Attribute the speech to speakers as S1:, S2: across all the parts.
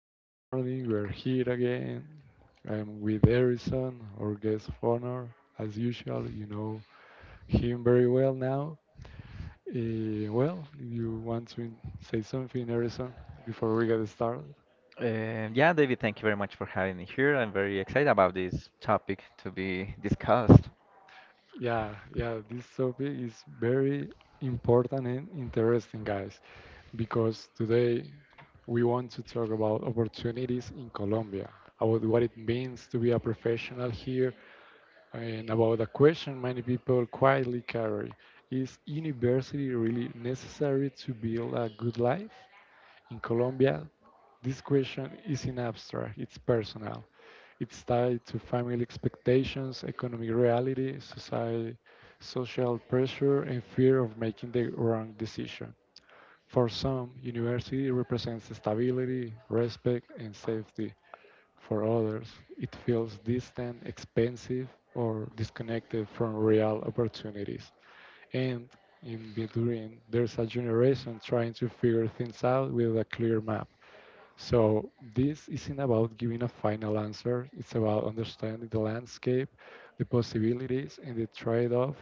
S1: good morning. We're here again. I am with Harrison, our guest of honor. As usual, you know him very well now. Well, if you want to say something, Harrison, before we get started?
S2: Yeah, David, thank you very much for having me here. I'm very excited about this topic to be discussed.
S1: Yeah, yeah, this topic is very important and interesting, guys, because today we want to talk about opportunities in Colombia, about what it means to be a professional here. And about the question many people quietly carry, is university really necessary to build a good life? In Colombia, this question isn't abstract, it's personal. It's tied to family expectations, economic reality, society, social pressure, and fear of making the wrong decision. For some, university represents stability, respect, and safety. For others, it feels distant, expensive, or disconnected from real opportunities. And in between, there's a generation trying to figure things out with a clear map. So, this isn't about giving a final answer, it's about understanding the landscape, the possibilities, and the trade off.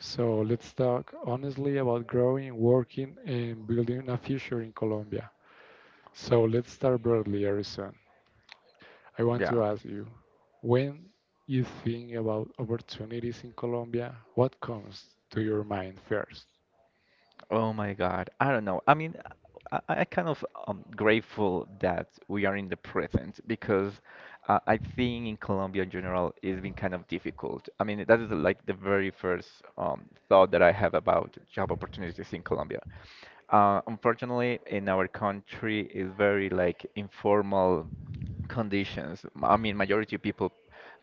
S1: So, let's talk honestly about growing, working, and building a future in Colombia. So, let's start broadly, Harrison. I want
S2: Yeah.
S1: to ask you, when you think about opportunities in Colombia, what comes to your mind first?
S2: Oh my God, I don't know. I kind of grateful that we are in the present because I think in Colombia in general it's been kind of difficult. I mean, that is like the very first thought that I have about job opportunities in Colombia. Unfortunately, in our country is very like informal conditions. I mean, majority of people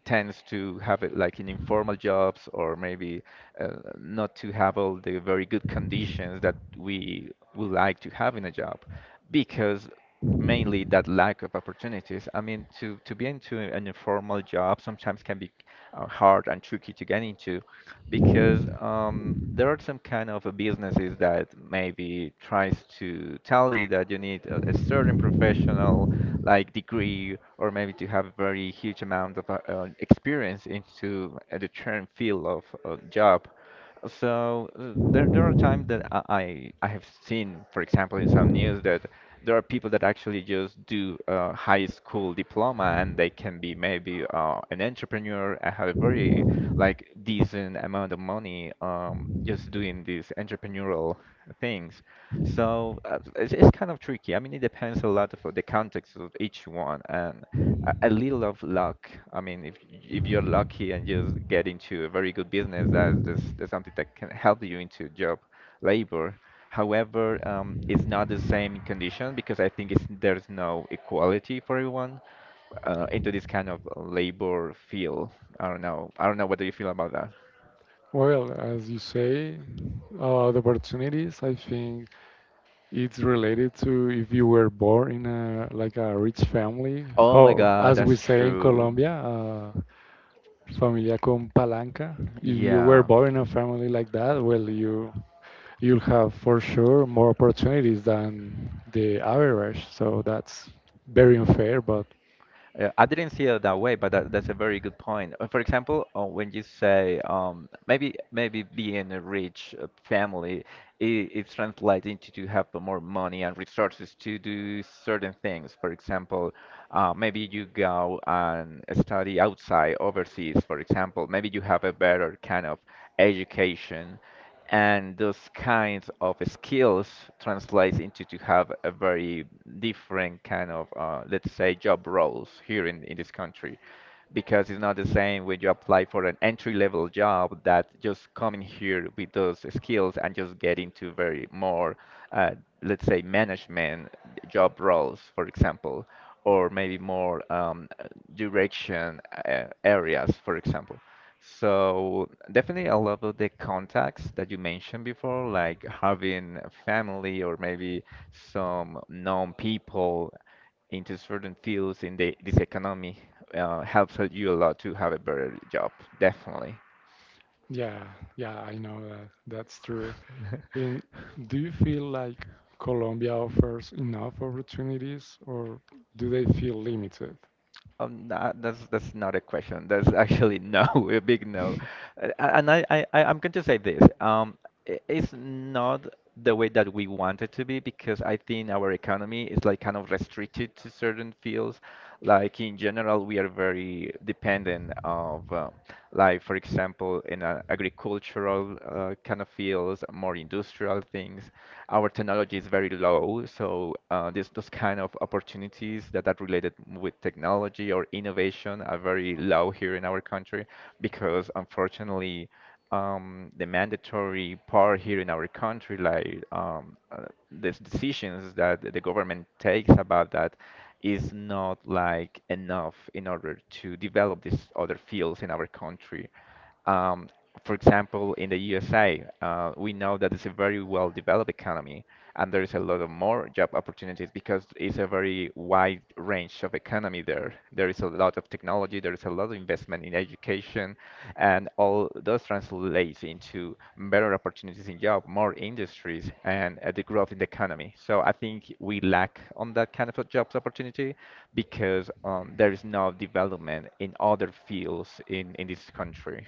S2: tends to have it like in informal jobs or maybe uh, not to have all the very good conditions that we would like to have in a job because mainly that lack of opportunities. I mean, to be into an informal job sometimes can be hard and tricky to get into because there are some kind of businesses that maybe tries to tell you that you need a certain professional like degree or maybe to have a very huge amount of experience into the current field of job. So there are times that I have seen, for example, in some news that there are people that actually just do a high school diploma and they can be maybe an entrepreneur and have a very like decent amount of money just doing these entrepreneurial things. So it's kind of tricky. I mean, it depends a lot of the context of each one and a little of luck. I mean, if you're lucky and you just get into a very good business, that's something that can help you into job labor. However, it's not the same condition because I think it's, there's no equality for everyone into this kind of labor field. I don't know. I don't know. What do you feel about that?
S1: Well, as you say, the opportunities, I think it's related to if you were born in a like a rich family.
S2: Oh my
S1: How,
S2: God,
S1: as we
S2: that's
S1: say in
S2: true.
S1: Colombia, Familia con palanca. If you were
S2: Yeah.
S1: born in a family like that, well, you'll have for sure more opportunities than the average. So that's very unfair, but
S2: I didn't see it that way, but that's a very good point. For example, when you say maybe being a rich family, it, it translates into to have more money and resources to do certain things. For example, maybe you go and study outside, overseas. For example, maybe you have a better kind of education, and those kinds of skills translates into to have a very different kind of let's say job roles here in this country because it's not the same when you apply for an entry level job that just coming here with those skills and just get into very more uh, let's say management job roles, for example, or maybe more direction areas, for example. So definitely, a lot of the contacts that you mentioned before, like having a family or maybe some known people into certain fields in the this economy helps you a lot to have a better job, definitely.
S1: yeah, yeah, I know that. That's true. And do you feel like Colombia offers enough opportunities or do they feel limited?
S2: Nah, that's not a question. That's actually no, a big no. And I'm going to say this. It's not the way that we want it to be because I think our economy is like kind of restricted to certain fields. Like in general, we are very dependent of like for example in agricultural kind of fields, more industrial things. Our technology is very low, so those kind of opportunities that are related with technology or innovation are very low here in our country because unfortunately the mandatory part here in our country, like these decisions that the government takes about that, is not like enough in order to develop these other fields in our country. Um, for example, in the USA, we know that it's a very well-developed economy, and there is a lot of more job opportunities because it's a very wide range of economy there. There is a lot of technology, there is a lot of investment in education, and all those translates into better opportunities in job, more industries, and the growth in the economy. So I think we lack on that kind of a jobs opportunity because there is no development in other fields in this country.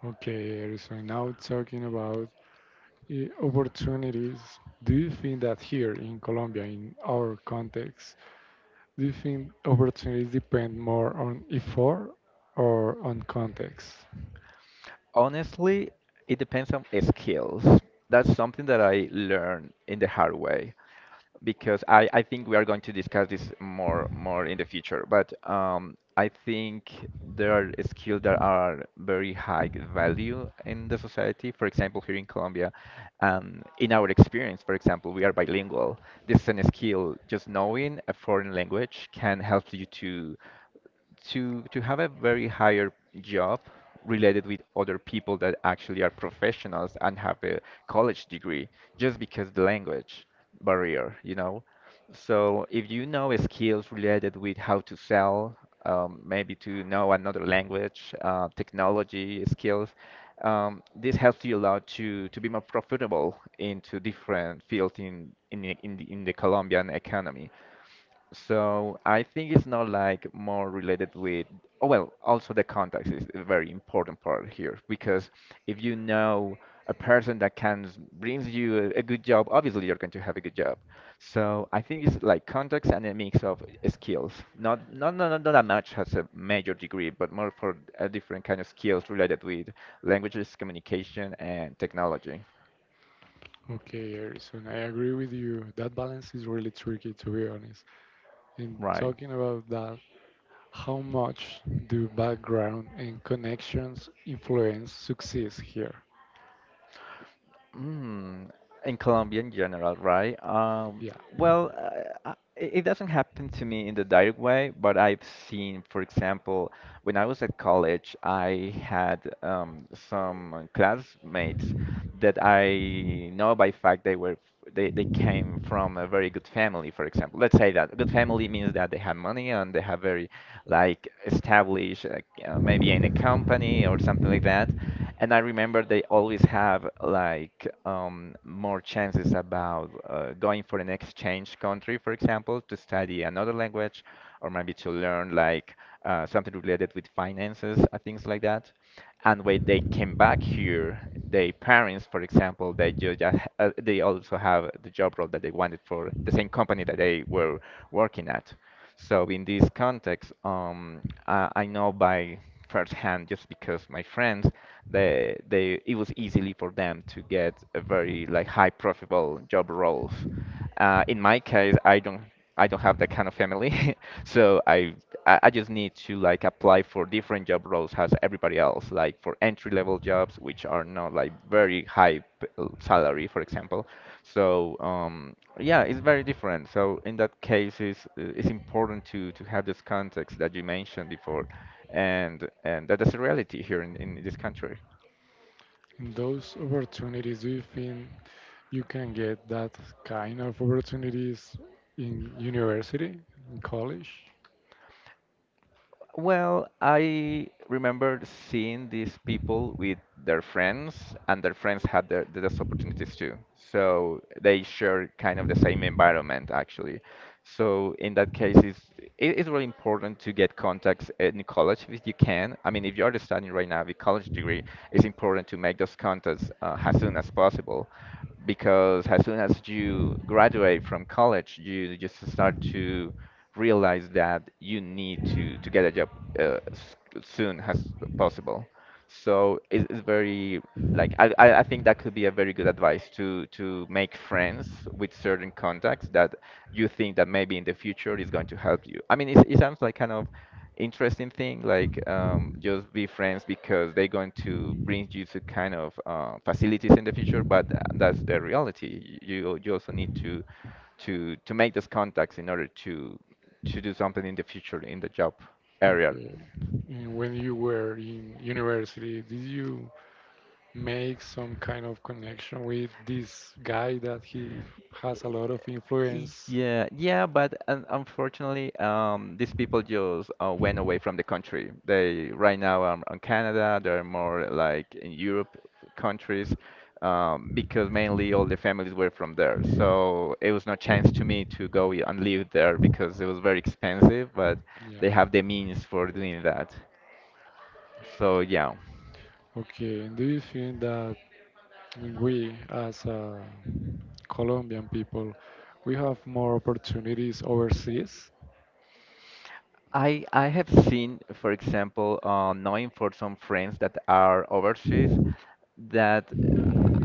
S1: Okay, Erison, now talking about opportunities, do you think that here in Colombia, in our context, do you think opportunities depend more on effort or on context?
S2: Honestly, it depends on skills. That's something that I learned in the hard way because I think we are going to discuss this more in the future. But I think there are skills that are very high value in the society. For example, here in Colombia, in our experience, for example, we are bilingual. This is a skill. Just knowing a foreign language can help you to have a very higher job related with other people that actually are professionals and have a college degree just because the language barrier, you know. So if you know skills related with how to sell, maybe to know another language, technology skills, this helps you a lot to be more profitable into different fields in in the Colombian economy. So I think it's not like more related with, oh, well, also the context is a very important part here because if you know a person that can brings you a good job, obviously you're going to have a good job. So I think it's like context and a mix of skills. Not that much has a major degree, but more for a different kind of skills related with languages, communication, and technology.
S1: Okay, Harrison, I agree with you. That balance is really tricky, to be honest. In
S2: Right.
S1: talking about that, how much do background and connections influence success here?
S2: Mm, in Colombia in general, right? Um,
S1: Yeah.
S2: well, uh, it it doesn't happen to me in the direct way, but I've seen, for example, when I was at college, I had some classmates that I know by fact they were they came from a very good family, for example. Let's say that good family means that they have money and they have very like established, like, maybe in a company or something like that. And I remember they always have like more chances about going for an exchange country, for example, to study another language or maybe to learn like something related with finances or things like that. And when they came back here, their parents, for example, they ju- just ha- they also have the job role that they wanted for the same company that they were working at. So in this context, I know by firsthand just because my friends, they it was easily for them to get a very like high profitable job roles. In my case, I don't have that kind of family, so I just need to like apply for different job roles as everybody else, like for entry level jobs, which are not like very high salary, for example. So yeah, it's very different. So in that case, it's important to have this context that you mentioned before, and that is a reality here in this country.
S1: In those opportunities, do you think you can get that kind of opportunities in university, in college?
S2: Well, I remember seeing these people with their friends, and their friends had those opportunities too. So they share kind of the same environment, actually. So in that case, it is really important to get contacts in college if you can. I mean, if you are studying right now with college degree, it's important to make those contacts as soon as possible because as soon as you graduate from college, you just start to realize that you need to get a job uh, s- soon as possible. So it's very like I think that could be a very good advice to make friends with certain contacts that you think that maybe in the future is going to help you. I mean, it sounds like kind of interesting thing like just be friends because they're going to bring you to kind of facilities in the future, but that's the reality. You also need to make those contacts in order to do something in the future in the job area.
S1: Okay. And when you were in university, did you make some kind of connection with this guy that he has a lot of influence?
S2: Yeah, yeah, but un unfortunately, these people just went away from the country. They right now are in Canada. They're more like in Europe countries, because mainly all the families were from there. So it was no chance to me to go and live there because it was very expensive. But
S1: Yeah.
S2: they have the means for doing that. So yeah.
S1: Okay. And do you think that we, as Colombian people, we have more opportunities overseas?
S2: I have seen, for example, knowing for some friends that are overseas, that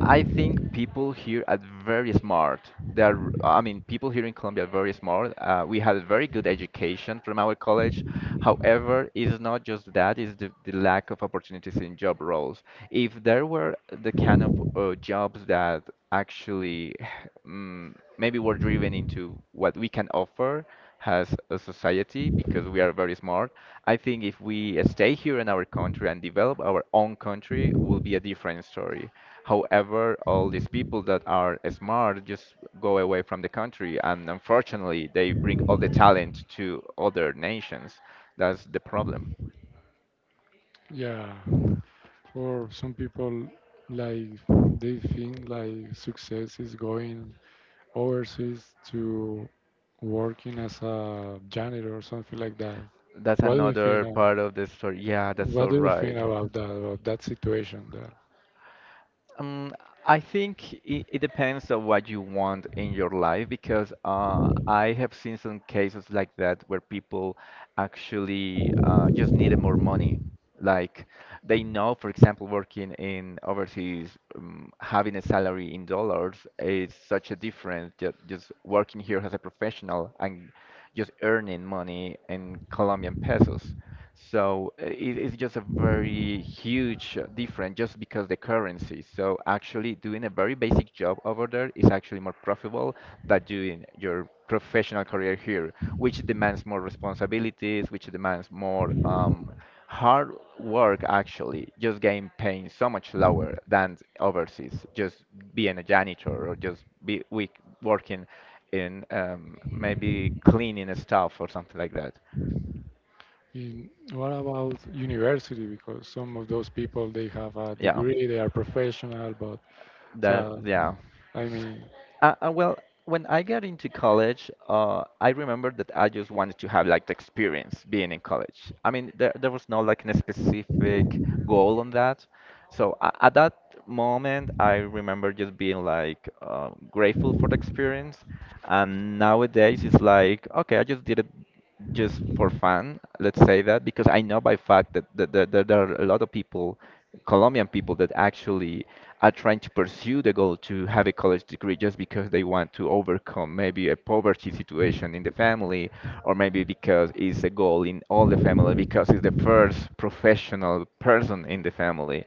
S2: I think people here are very smart. They are, I mean, people here in Colombia are very smart. We had very good education from our college. However, it's not just that, it's the lack of opportunities in job roles. If there were the kind of jobs that actually maybe were driven into what we can offer, as a society because we are very smart. I think if we stay here in our country and develop our own country, will be a different story. However, all these people that are smart just go away from the country, and unfortunately, they bring all the talent to other nations. That's the problem.
S1: Yeah. Or some people like they think like success is going overseas to working as a janitor or something like that.
S2: That's
S1: What do you think
S2: another
S1: of,
S2: part of the story. Yeah, that's
S1: what
S2: all
S1: do you think
S2: right.
S1: about that situation that,
S2: Um, I think it depends on what you want in your life because I have seen some cases like that where people actually just needed more money. Like they know, for example, working in overseas, having a salary in dollars is such a difference. Just working here as a professional and just earning money in Colombian pesos. So it's just a very huge difference just because the currency. So actually doing a very basic job over there is actually more profitable than doing your professional career here, which demands more responsibilities, which demands more hard work actually. Just getting paying so much lower than overseas, just being a janitor or just be we working in maybe cleaning stuff or something like that.
S1: in what about university, because some of those people they have a
S2: Yeah.
S1: degree, they are professional but
S2: That
S1: so
S2: yeah.
S1: I mean
S2: Well, when I got into college, I remember that I just wanted to have like the experience being in college. I mean, there was no like a specific goal on that. So a at that moment, I remember just being like grateful for the experience. And nowadays, it's like, okay, I just did it just for fun, let's say that, because I know by fact that there are a lot of people, Colombian people, that actually are trying to pursue the goal to have a college degree just because they want to overcome maybe a poverty situation in the family, or maybe because it's a goal in all the family, because it's the first professional person in the family.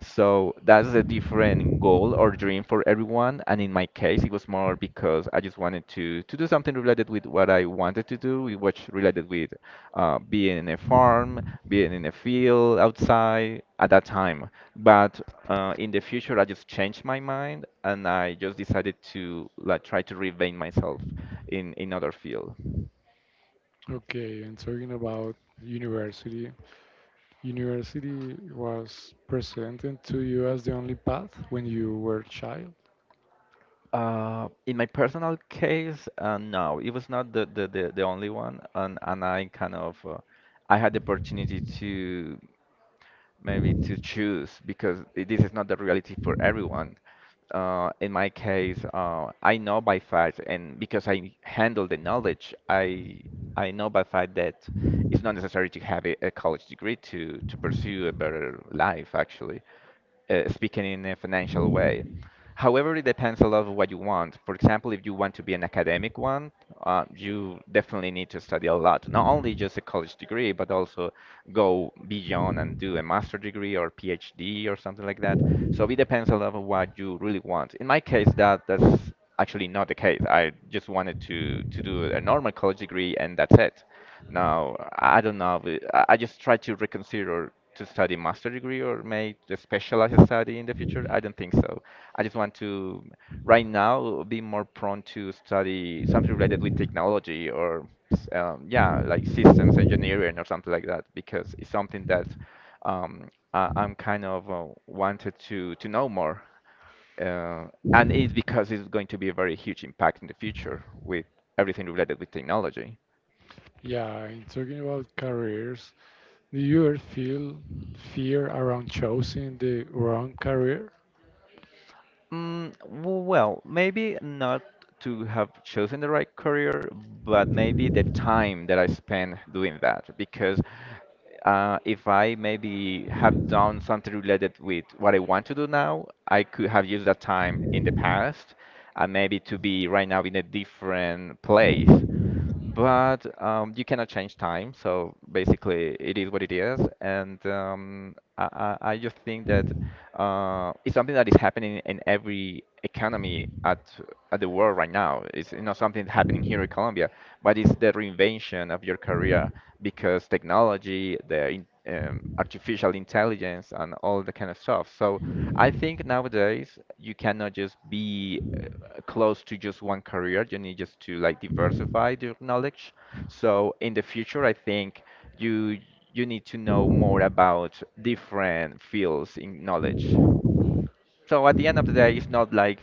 S2: So that's a different goal or dream for everyone. And in my case, it was more because I just wanted to do something related with what I wanted to do, with which related with being in a farm, being in a field outside at that time. But in the future, I just changed my mind and I just decided to like try to reinvent myself in other field.
S1: okay, and talking about university, university was presented to you as the only path when you were a child?
S2: In my personal case, no, it was not the only one, and I kind of I had the opportunity to maybe to choose because I- this is not the reality for everyone. In my case, I know by fact, and because I handle the knowledge, I know by fact that it's not necessary to have a college degree to pursue a better life, actually, speaking in a financial way. However, it depends a lot of what you want. For example, if you want to be an academic one, you definitely need to study a lot. Not only just a college degree, but also go beyond and do a master degree or PhD or something like that. So it depends a lot of what you really want. In my case, that's actually not the case. I just wanted to do a normal college degree and that's it. Now, I don't know. If it- I just try to reconsider to study master degree or may just specialize a study in the future. I don't think so. I just want to, right now, be more prone to study something related with technology or, s- yeah, like systems engineering or something like that, because it's something that um, I'm kind of wanted to know more. Uh, and it's because it's going to be a very huge impact in the future with everything related with technology.
S1: Yeah, and talking about careers, do you ever feel fear around choosing the wrong career?
S2: Mm, w- well, maybe not to have chosen the right career, but maybe the time that I spent doing that. Because if I maybe have done something related with what I want to do now, I could have used that time in the past and maybe to be right now in a different place. But you cannot change time, so basically it is what it is. And um, I just think that it's something that is happening in every economy at the world right now. It's not something happening here in Colombia, but it's the reinvention of your career because technology, the in, artificial intelligence, and all the kind of stuff. So. I think nowadays you cannot just be close to just one career. You need just to like diversify your knowledge. So in the future, I think you you need to know more about different fields in knowledge. So at the end of the day, it's not like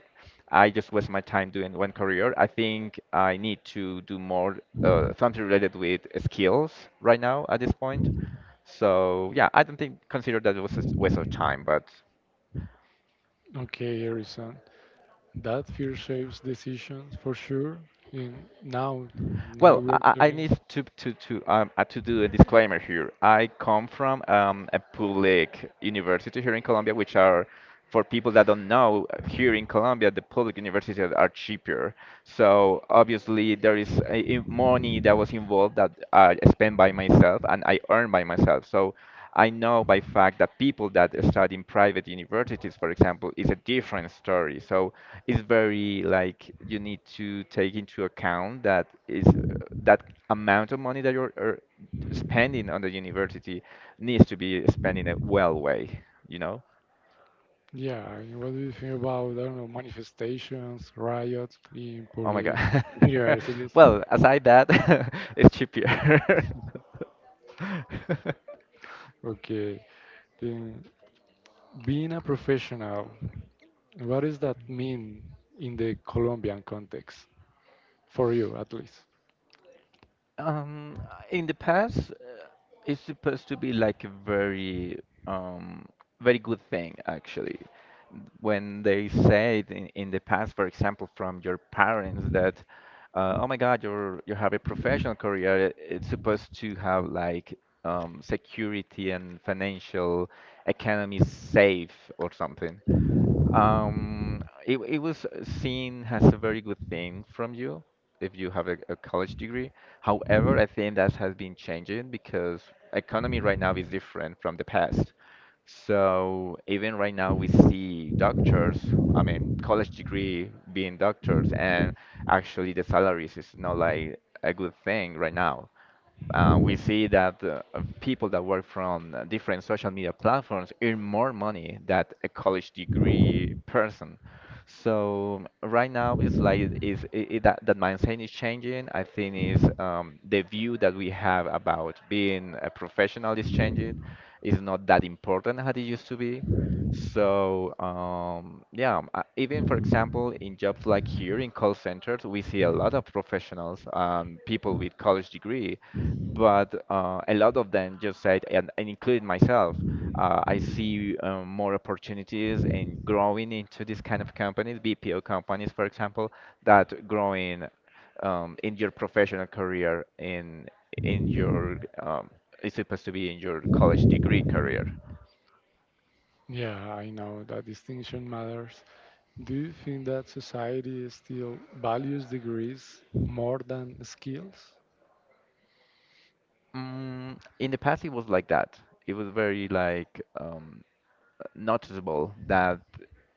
S2: I just waste my time doing one career. I think I need to do more something related with skills right now at this point. So yeah, I don't think consider that was a waste of time, but.
S1: Okay, Harrison, that fear shapes decisions for sure. And now, now
S2: Well,
S1: we're
S2: I
S1: talking.
S2: need to do a disclaimer here. I come from a public university here in Colombia, which are for people that don't know, here in Colombia, the public universities are cheaper. So obviously there is a money that was involved that I spend by myself and I earn by myself. So I know by fact that people that study in private universities, for example, is a different story. So it's very like you need to take into account that is that amount of money that you're spending on the university needs to be spent in a well way, you know?
S1: Yeah, and what do you think about, I don't know, manifestations, riots in
S2: Oh my
S1: public
S2: God.
S1: universities?
S2: Well, aside that, it's cheaper.
S1: Okay, then, being a professional, what does that mean in the Colombian context? For you, at least.
S2: Um, in the past, it's supposed to be like a very, um, very good thing actually. When they say it in the past, for example, from your parents that, oh my God, you're you have a professional career. It's supposed to have like security and financial economy safe or something. It it was seen as a very good thing from you if you have a college degree. However, I think that has been changing because economy right now is different from the past. So even right now, we see doctors, I mean, college degree being doctors, and actually the salaries is not like a good thing right now. We see that people that work from different social media platforms earn more money than a college degree person. So right now, it's like is I that mindset is changing. I think is the view that we have about being a professional is changing. It's not that important as it used to be. So, even for example, in jobs like here in call centers, we see a lot of professionals, people with college degree, but a lot of them just said, and including myself, I see more opportunities in growing into this kind of companies, BPO companies, for example, that growing in your professional career in your it's supposed to be in your college degree career.
S1: Yeah, I know that distinction matters. Do you think that society still values degrees more than skills?
S2: In the past, it was like that. It was very like noticeable that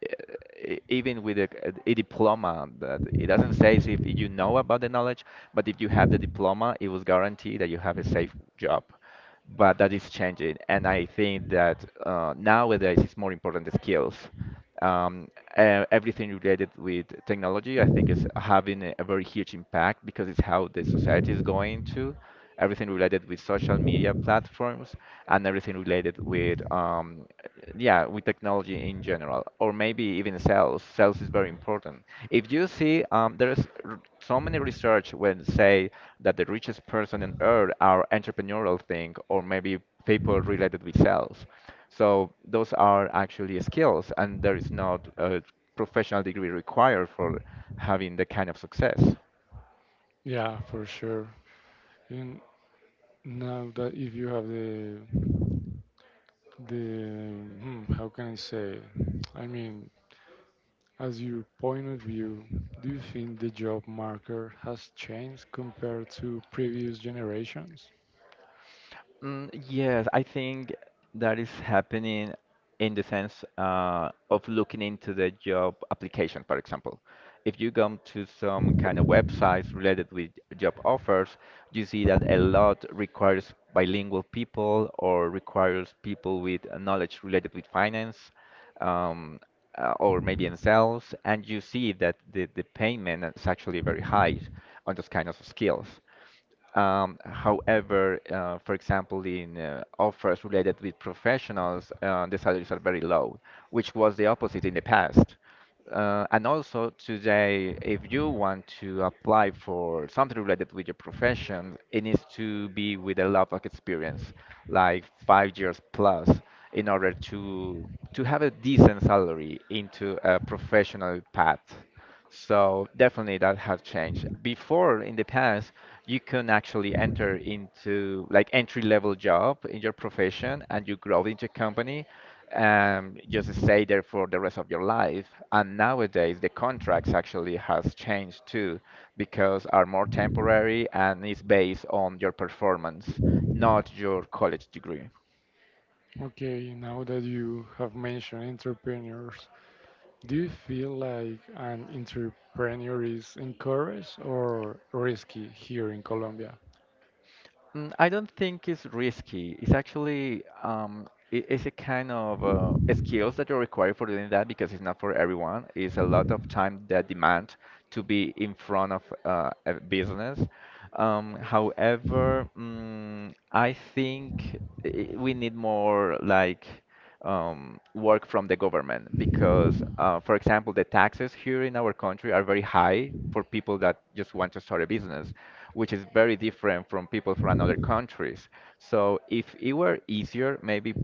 S2: e- even with a diploma that it doesn't say if you know about the knowledge but if you have the diploma it was guaranteed that you have a safe job but that is changing and I think that nowadays it's more important the skills um, e- everything related with technology I think is having a very huge impact because it's how the society is going to everything related with social media platforms, and everything related with yeah, with technology in general, or maybe even sales. Sales is very important. If you see, there is r- so many research when say that the richest person on earth are entrepreneurial thing, or maybe people related with sales. So those are actually skills, and there is not a professional degree required for having the kind of success.
S1: Yeah, for sure. And now that if you have the hmm, how can I say? I mean, as your point of view, do you think the job market has changed compared to previous generations?
S2: Yes, I think that is happening in the sense of looking into the job application, for example. If you go to some kind of websites related with job offers, you see that a lot requires bilingual people or requires people with knowledge related with finance um, or maybe in sales, and you see that the payment is actually very high on those kind of skills. However, for example, in offers related with professionals, the salaries are very low, which was the opposite in the past. And also today, if you want to apply for something related with your profession, it needs to be with a lot of experience, like 5 years plus, in order to have a decent salary into a professional path. So definitely that has changed. Before, in the past, you can actually enter into like entry level job in your profession and you grow into a company and just stay there for the rest of your life. And nowadays the contracts actually has changed too because are more temporary and is based on your performance, not your college degree.
S1: Okay, now that you have mentioned entrepreneurs, do you feel like an entrepreneur is encouraged or risky here in Colombia?
S2: Mm, I don't think it's risky. It's actually it's a kind of skills that you require for doing that because it's not for everyone. It's a lot of time that demand to be in front of a business. However, I think we need more like work from the government because, for example, the taxes here in our country are very high for people that just want to start a business, which is very different from people from other countries. So if it were easier, maybe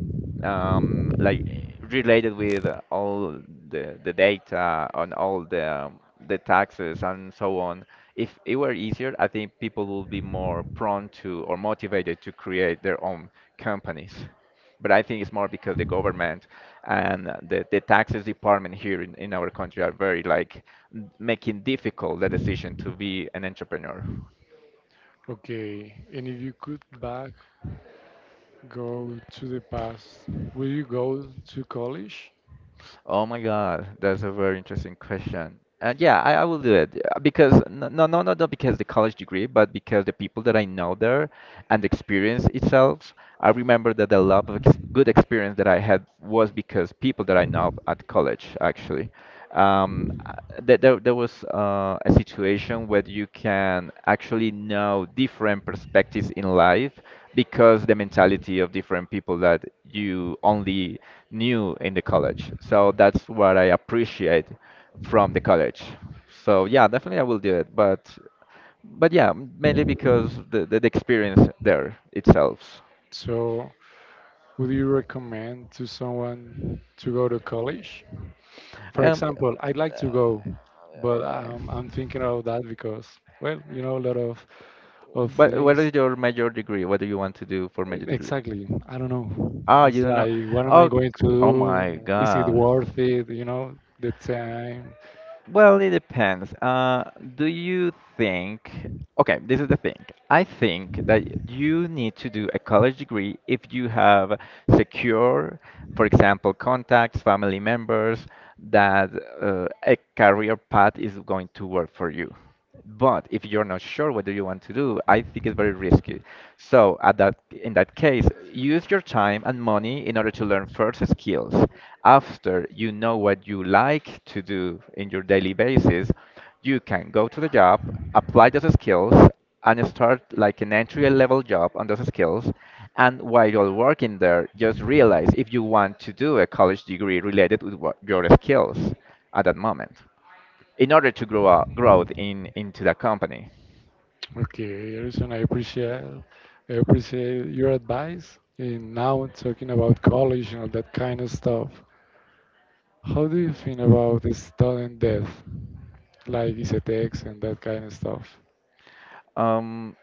S2: like related with all the data on all the taxes and so on. If it were easier, I think people would be more prone to or motivated to create their own companies. But I think it's more because the government and the taxes department here in our country are very like making difficult the decision to be an entrepreneur.
S1: Okay, and if you could back go to the past, will you go to college?
S2: Oh my God, that's a very interesting question. And yeah, I will do it because not because the college degree, but because the people that I know there and the experience itself. I remember that the lot of ex good experience that I had was because people that I know at college actually. Um, uh, there was a situation where you can actually know different perspectives in life because the mentality of different people that you only knew in the college. So that's what I appreciate from the college. So yeah, definitely I will do it, but but yeah, mainly because the experience there itself.
S1: So, would you recommend to someone to go to college? For
S2: Um,
S1: example, I'd like to go, but
S2: uh,
S1: I'm thinking of that because, well, you know, a lot of
S2: but what
S1: things.
S2: is your major degree? What do you want to do for major degree?
S1: Exactly. I don't know.
S2: Ah,
S1: It's
S2: you don't know.
S1: like, what am I going to
S2: Oh my
S1: do? Is it
S2: God.
S1: worth it? You know, the time.
S2: Well, it depends. Do you think? Okay, this is the thing. I think that you need to do a college degree if you have secure, for example, contacts, family members, that a career path is going to work for you. But if you're not sure what do you want to do, I think it's very risky. So at that in that case, use your time and money in order to learn first skills. After you know what you like to do in your daily basis, you can go to the job, apply those skills, and start like an entry level job on those skills. And while you're working there, just realize if you want to do a college degree related with what, your skills at that moment in order to grow out growth in into the company.
S1: Okay, Harrison, I appreciate your advice. And now talking about college and all that kind of stuff. How do you think about the student debt, like Isetex and that kind of stuff?
S2: Um,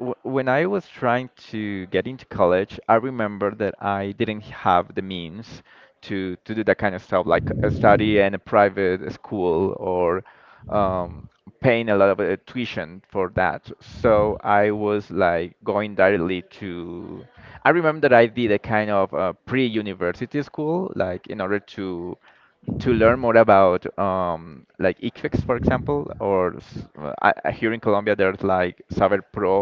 S2: w when I was trying to get into college, I remember that I didn't have the means to do that kind of stuff, like study in a private school or um, paying a lot of tuition for that. So I was like going directly to. I remember that I did a kind of pre-university school, like in order to learn more about like ICFEX, for example, or s- I- here in Colombia there's like Saber Pro,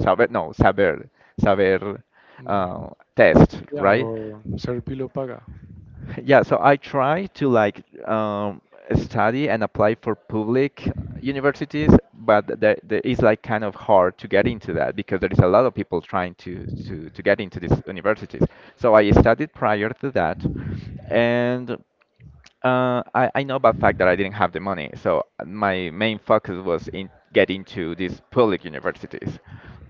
S2: Saber, no, Saber, Saber
S1: Yeah.
S2: uh, test,
S1: Yeah,
S2: right?
S1: or Serpi lo paga.
S2: Yeah, so I try to like um, study and apply for public universities, but there is like kind of hard to get into that because there is a lot of people trying to get into these universities. So I studied prior to that, and I know by fact that I didn't have the money, so my main focus was in getting to these public universities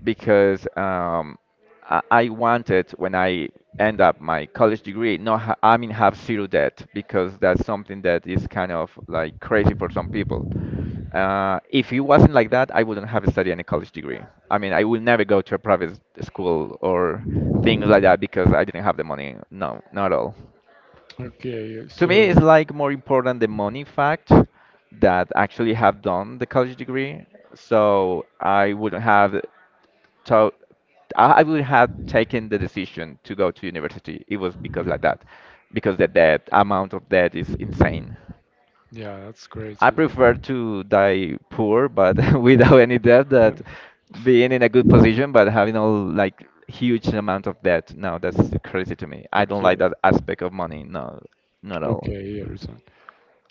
S2: because I wanted when I end up my college degree, no, ha I mean have zero debt because that's something that is kind of like crazy for some people. If it wasn't like that, I wouldn't have studied any college degree. I mean, I would never go to a private school or things like that because I didn't have the money. No, not at all.
S1: Okay,
S2: To me it's
S1: so
S2: like more important the money fact that actually have done the college degree, so I would have to I would have taken the decision to go to university it was because like that, because the debt amount of debt is insane.
S1: yeah, that's
S2: I
S1: crazy.
S2: prefer to die poor but without any debt
S1: No,
S2: that being in a good position but having all like huge amount of debt. No, that's crazy to me. I don't like
S1: okay,
S2: that aspect of money. No, not at all.
S1: okay, Harrison.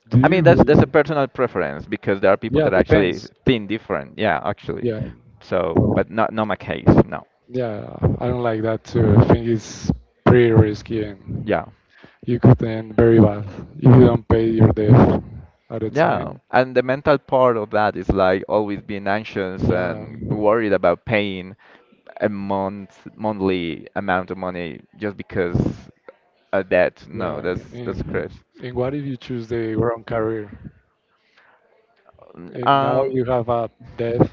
S1: Do
S2: I mean,
S1: you
S2: that's a
S1: really?
S2: personal preference because there are people
S1: Yeah,
S2: that actually
S1: depends.
S2: think different. Yeah, actually.
S1: Yeah,
S2: So,
S1: well,
S2: but not my case. No.
S1: yeah, I don't like that too. I think it's pretty risky and
S2: Yeah.
S1: you could end very bad if you don't pay your debt at the
S2: Yeah.
S1: time.
S2: And the mental part of that is like always being anxious
S1: Yeah,
S2: and worried about paying a month monthly amount of money just because a debt. No,
S1: yeah.
S2: that's
S1: And,
S2: crazy.
S1: and what if you choose the wrong career? And now
S2: Um,
S1: you have a death.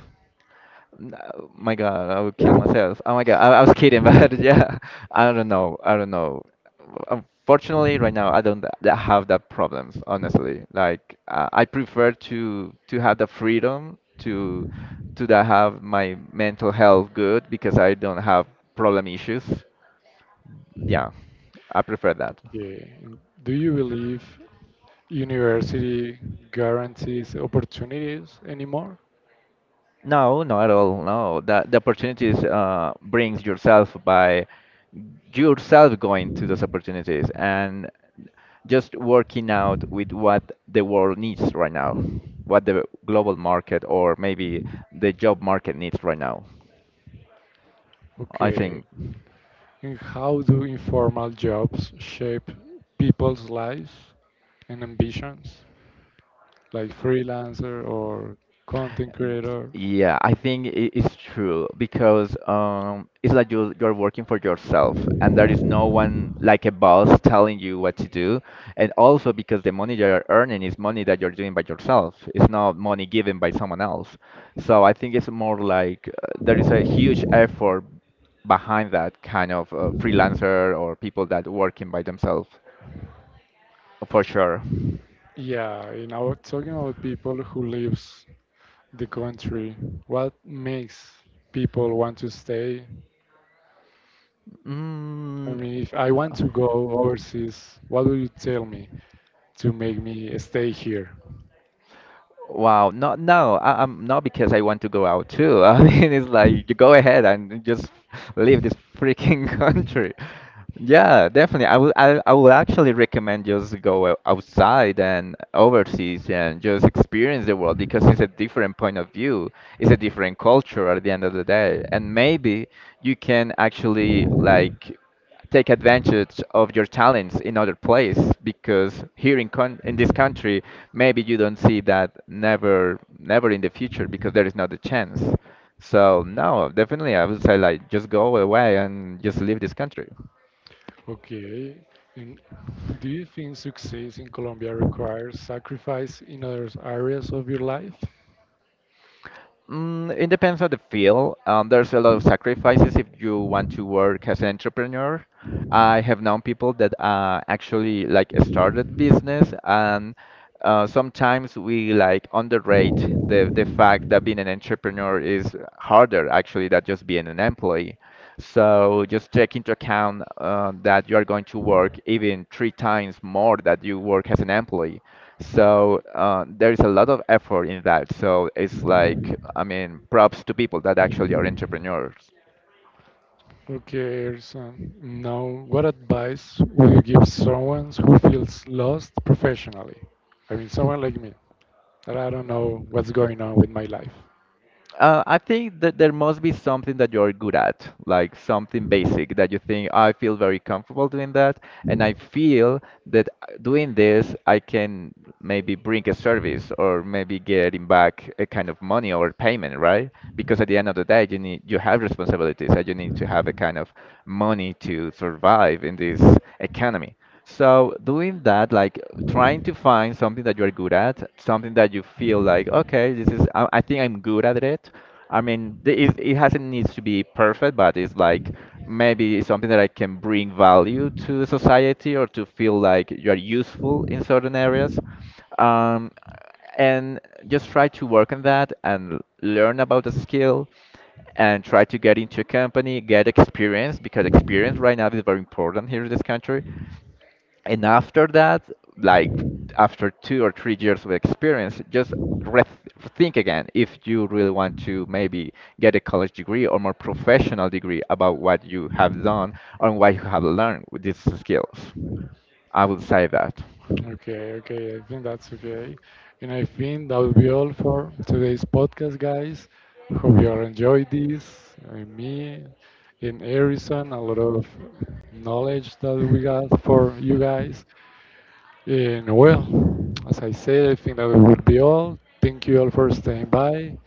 S2: No, my God, I would kill myself. Oh my God, I was kidding, but yeah, I don't know. I don't know. Unfortunately, right now, I don't have that problems, honestly. Like, I prefer to have the freedom to that have my mental health good because I don't have problem issues. Yeah, I prefer that.
S1: Okay. And do you believe university guarantees opportunities anymore?
S2: No, not at all. No, the opportunities brings yourself by yourself going to those opportunities and just working out with what the world needs right now, what the global market or maybe the job market needs right now. I
S1: Okay.
S2: think.
S1: And how do informal jobs shape people's lives and ambitions, like freelancer or content creator?
S2: Yeah, I think it's true because it's like you you're working for yourself, and there is no one like a boss telling you what to do. And also because the money you're earning is money that you're doing by yourself. It's not money given by someone else. So I think it's more like there is a huge effort behind that kind of freelancer or people that working by themselves, for sure.
S1: Yeah, and I was talking about people who lives the country. What makes people want to stay? I
S2: Mm,
S1: mean, if I want to go overseas, what will you tell me to make me stay here?
S2: Wow, I'm not because I want to go out too. I mean, it's like you go ahead and just leave this freaking country. Yeah, definitely. I will actually recommend just go outside and overseas and just experience the world because it's a different point of view. It's a different culture at the end of the day, and maybe you can actually like take advantage of your talents in other place because here in this country maybe you don't see that never never in the future because there is not a chance. So no, definitely I would say like just go away and just leave this country.
S1: Okay. And do you think success in Colombia requires sacrifice in other areas of your life?
S2: Mm, it depends on the field. There's a lot of sacrifices if you want to work as an entrepreneur. I have known people that actually like started business, and sometimes we like underrate the fact that being an entrepreneur is harder actually than just being an employee. So just take into account that you are going to work even three times more that you work as an employee. So there is a lot of effort in that. So it's like, I mean, props to people that actually are entrepreneurs.
S1: Okay, so now what advice would you give someone who feels lost professionally? I mean, someone like me, that I don't know what's going on with my life.
S2: I think that there must be something that you're good at, like something basic that you think, I feel very comfortable doing that, and I feel that doing this, I can maybe bring a service or maybe getting back a kind of money or payment, right? Because at the end of the day, you have responsibilities and you need to have a kind of money to survive in this economy. So doing that, like trying to find something that you're good at, something that you feel like, okay, this is, I think I'm good at it. I mean, it hasn't needs to be perfect, but it's like maybe it's something that I can bring value to the society or to feel like you're useful in certain areas. Um, and just try to work on that and learn about the skill and try to get into a company, get experience because experience right now is very important here in this country, and after that like after 2 or 3 years of experience just re- think again if you really want to maybe get a college degree or more professional degree about what you have done and what you have learned with these skills. I would say that
S1: Okay, okay, I think that's okay. And I think that will be all for today's podcast, guys. Hope you all enjoyed this. Me and Harrison, a lot of knowledge that we got for you guys. And well, as I said, I think that would be all. Thank you all for staying by.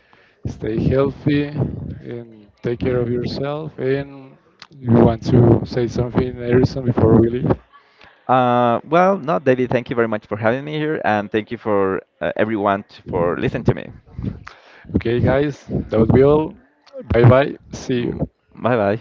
S1: Stay healthy and take care of yourself. And you want to say something, Harrison, before we leave?
S2: well no David, thank you very much for having me here, and thank you for everyone for listening to me.
S1: Okay, guys, that would be all. Bye bye. See
S2: Mm,
S1: you.
S2: bye bye.